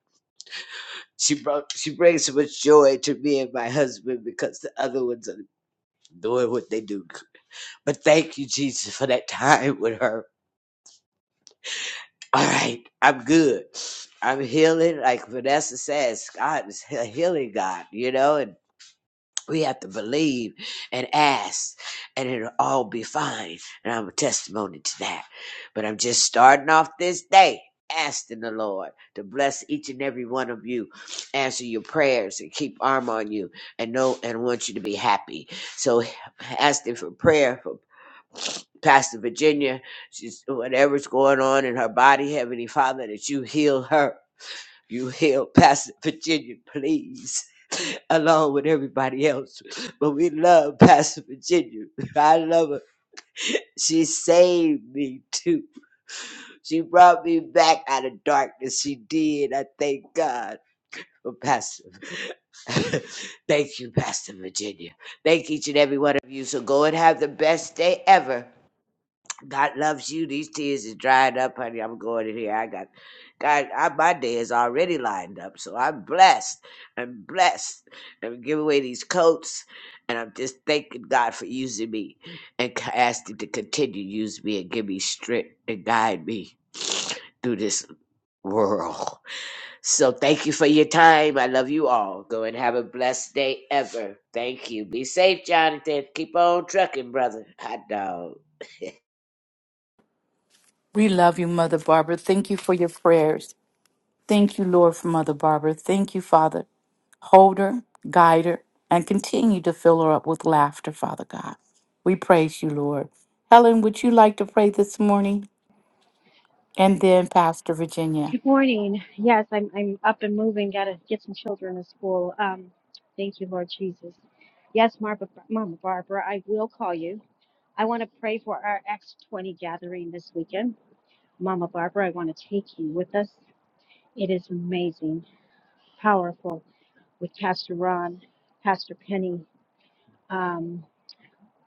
Speaker 6: She brought she brings so much joy to me and my husband because the other ones are doing what they do. But thank you, Jesus, for that time with her. All right, I'm good. I'm healing. Like Vanessa says, God is a healing God, you know, and we have to believe and ask, and it'll all be fine. And I'm a testimony to that. But I'm just starting off this day asking the Lord to bless each and every one of you, answer your prayers, and keep arm on you, and know and want you to be happy. So asking for prayer for. Pastor Virginia, she's whatever's going on in her body, Heavenly Father, that you heal her. You heal Pastor Virginia, please, along with everybody else. But we love Pastor Virginia. I love her. She saved me too. She brought me back out of darkness. She did. I thank God for Pastor. thank you, Pastor Virginia. Thank each and every one of you. So go and have the best day ever. God loves you. These tears is dried up, honey. I'm going in here. I got God. I, my day is already lined up, so I'm blessed. I'm blessed. I'm giving away these coats, and I'm just thanking God for using me and c- asking to continue to use me and give me strength and guide me through this world. So thank you for your time. I love you all. Go and have a blessed day ever. Thank you. Be safe, Jonathan. Keep on trucking, brother. Hot dog.
Speaker 2: We love you, Mother Barbara. Thank you for your prayers. Thank you, Lord, for Mother Barbara. Thank you, Father. Hold her, guide her, and continue to fill her up with laughter, Father God. We praise you, Lord. Helen, would you like to pray this morning? And then Pastor Virginia.
Speaker 7: Good morning. Yes, I'm I'm up and moving. Got to get some children to school. Um, thank you, Lord Jesus. Yes, Marba, Mama Barbara, I will call you. I want to pray for our X20 gathering this weekend. Mama Barbara, I want to take you with us. It is amazing, powerful with Pastor Ron, Pastor Penny, um,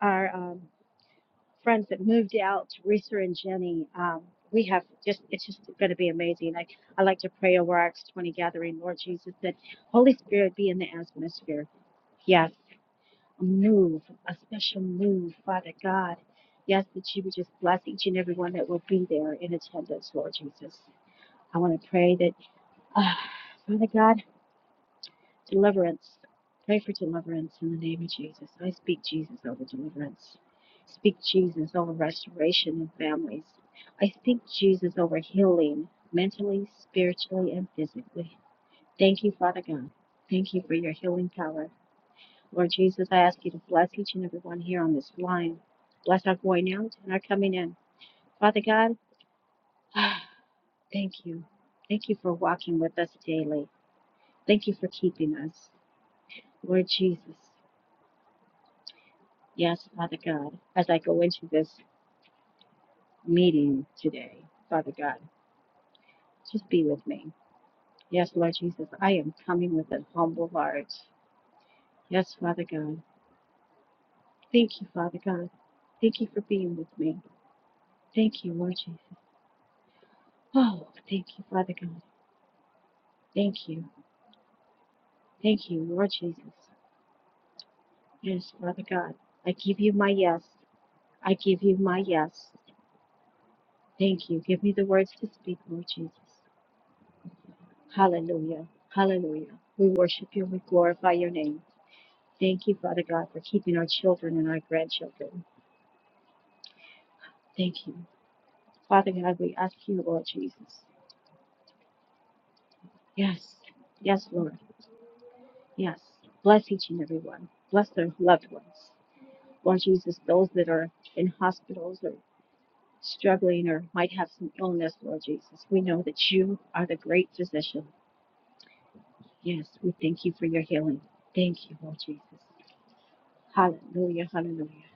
Speaker 7: our. um, friends that moved out, Teresa and Jenny. Um, we have just, it's just going to be amazing. I, I like to pray over our Acts 20 gathering, Lord Jesus, that Holy Spirit be in the atmosphere. Yes, a move, a special move, Father God. Yes, that you would just bless each and every one that will be there in attendance, Lord Jesus. I want to pray that, uh, Father God. Deliverance. Pray for deliverance in the name of Jesus. I speak Jesus over deliverance. Speak Jesus over restoration in families. I speak Jesus over healing mentally, spiritually, and physically. Thank you, Father God. Thank you for your healing power. Lord Jesus, I ask you to bless each and every one here on this line. Bless our going out and our coming in. Father God, thank you. Thank you for walking with us daily. Thank you for keeping us. Lord Jesus. Yes, Father God, as I go into this meeting today, Father God, just be with me. Yes, Lord Jesus, I am coming with an humble heart. Yes, Father God. Thank you, Father God. Thank you for being with me. Thank you, Lord Jesus. Oh, thank you, Father God. Thank you. Thank you, Lord Jesus. Yes, Father God. I give you my yes. I give you my yes. Thank you. Give me the words to speak, Lord Jesus. Hallelujah. Hallelujah. We worship you. We glorify your name. Thank you, Father God, for keeping our children and our grandchildren. Thank you. Father God, we ask you, Lord Jesus. Yes. Yes, Lord. Yes. Bless each and every one. Bless their loved ones. Lord Jesus, those that are in hospitals or struggling or might have some illness, Lord Jesus, we know that you are the great physician. Yes, we thank you for your healing. Thank you, Lord Jesus. Hallelujah, hallelujah.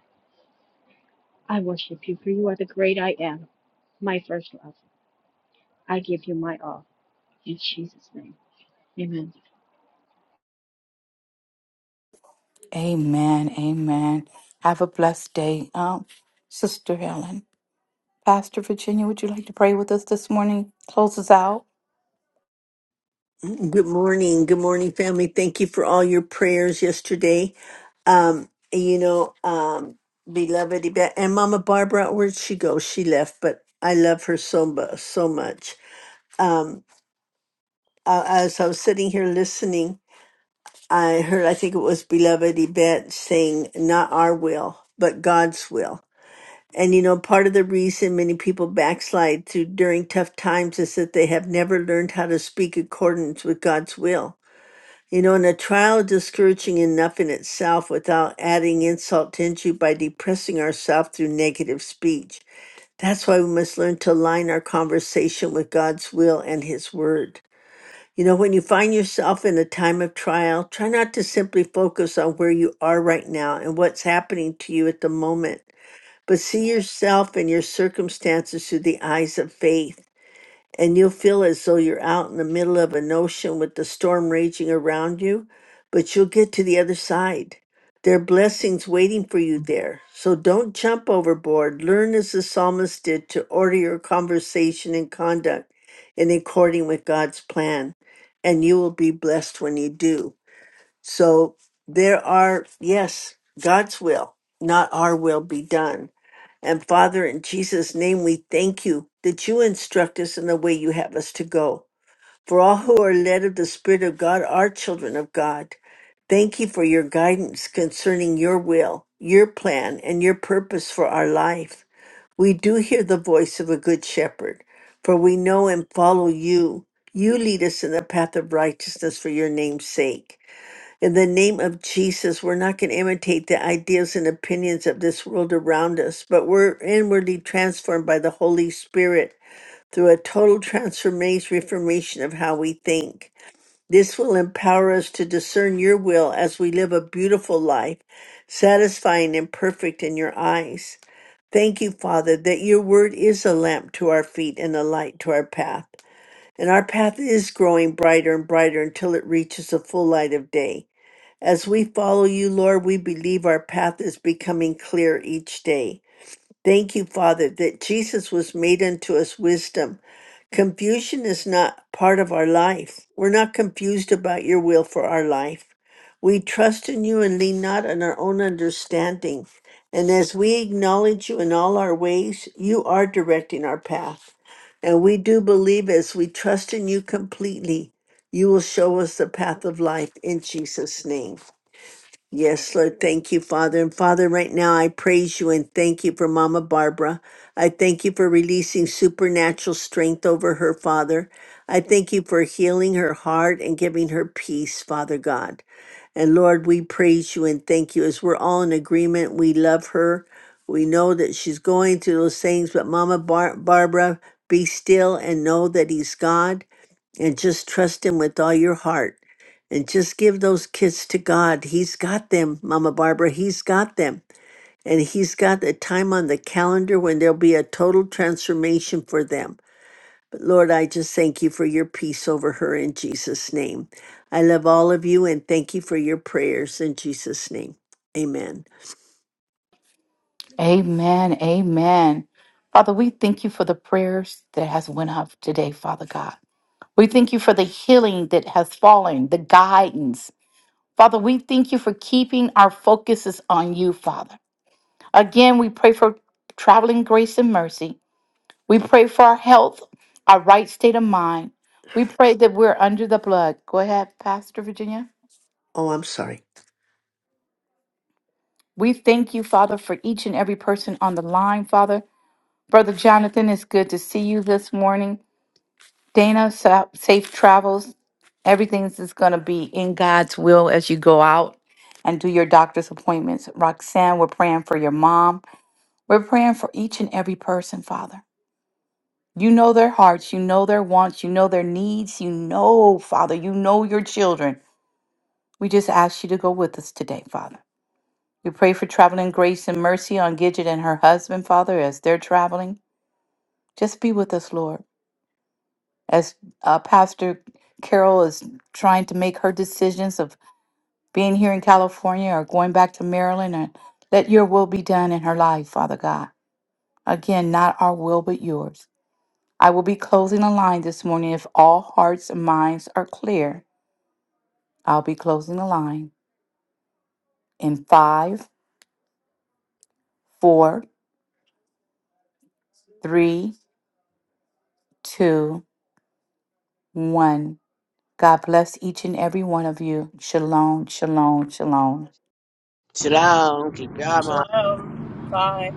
Speaker 7: I worship you, for you are the great I am, my first love. I give you my all. In Jesus' name. Amen.
Speaker 2: Amen. Amen. Have a blessed day. Um, Sister Helen. Pastor Virginia, would you like to pray with us this morning? Close us out.
Speaker 8: Good morning. Good morning, family. Thank you for all your prayers yesterday. Um, you know, um, beloved Yvette- and Mama Barbara, where'd she go? She left, but I love her so mu- so much. Um, uh, as I was sitting here listening, I heard, I think it was beloved Yvette saying, "Not our will, but God's will." And you know, part of the reason many people backslide through during tough times is that they have never learned how to speak accordance with God's will You know, and a trial discouraging enough in itself without adding insult to injury by depressing ourselves through negative speech. That's why we must learn to align our conversation with God's will and His Word. You know, when you find yourself in a time of trial, try not to simply focus on where you are right now and what's happening to you at the moment, but see yourself and your circumstances through the eyes of faith and you'll feel as though you're out in the middle of an ocean with the storm raging around you, but you'll get to the other side. There are blessings waiting for you there. So don't jump overboard. Learn as the psalmist did to order your conversation and conduct in according with God's plan, and you will be blessed when you do. So there are, yes, God's will, not our will be done. And Father, in Jesus' name, we thank you that you instruct us in the way you have us to go. For all who are led of the Spirit of God are children of God. Thank you for your guidance concerning your will, your plan, and your purpose for our life. We do hear the voice of a good shepherd, for we know and follow you. You lead us in the path of righteousness for your name's sake. In the name of Jesus, we're not going to imitate the ideas and opinions of this world around us, but we're inwardly transformed by the Holy Spirit through a total transformation reformation of how we think. This will empower us to discern your will as we live a beautiful life, satisfying and perfect in your eyes. Thank you, Father, that your word is a lamp to our feet and a light to our path. And our path is growing brighter and brighter until it reaches the full light of day. As we follow you, Lord, we believe our path is becoming clear each day. Thank you, Father, that Jesus was made unto us wisdom. Confusion is not part of our life. We're not confused about your will for our life. We trust in you and lean not on our own understanding. And as we acknowledge you in all our ways, you are directing our path. And we do believe as we trust in you completely, you will show us the path of life in Jesus' name. Yes, Lord. Thank you, Father. And Father, right now I praise you and thank you for Mama Barbara. I thank you for releasing supernatural strength over her, Father. I thank you for healing her heart and giving her peace, Father God. And Lord, we praise you and thank you as we're all in agreement. We love her. We know that she's going through those things, but Mama Bar- Barbara, be still and know that He's God and just trust Him with all your heart and just give those kids to God. He's got them, Mama Barbara. He's got them. And He's got a time on the calendar when there'll be a total transformation for them. But Lord, I just thank you for your peace over her in Jesus' name. I love all of you and thank you for your prayers in Jesus' name. Amen.
Speaker 2: Amen. Amen. Father, we thank you for the prayers that has went up today, Father God. We thank you for the healing that has fallen, the guidance. Father, we thank you for keeping our focuses on you, Father. Again, we pray for traveling grace and mercy. We pray for our health, our right state of mind. We pray that we're under the blood. Go ahead, Pastor Virginia.
Speaker 8: Oh, I'm sorry.
Speaker 2: We thank you, Father, for each and every person on the line, Father. Brother Jonathan, it's good to see you this morning. Dana, sa- safe travels. Everything's is going to be in God's will as you go out and do your doctor's appointments. Roxanne, we're praying for your mom. We're praying for each and every person, Father. You know their hearts, you know their wants, you know their needs, you know, Father, you know your children. We just ask you to go with us today, Father. We pray for traveling grace and mercy on Gidget and her husband, Father, as they're traveling. Just be with us, Lord. As uh, Pastor Carol is trying to make her decisions of being here in California or going back to Maryland, and let your will be done in her life, Father God. Again, not our will, but yours. I will be closing the line this morning. If all hearts and minds are clear, I'll be closing the line in five, four, three, two, one. God bless each and every one of you. Shalom, shalom, shalom.
Speaker 6: Shalom. Keep your armor.
Speaker 4: Hello. Bye.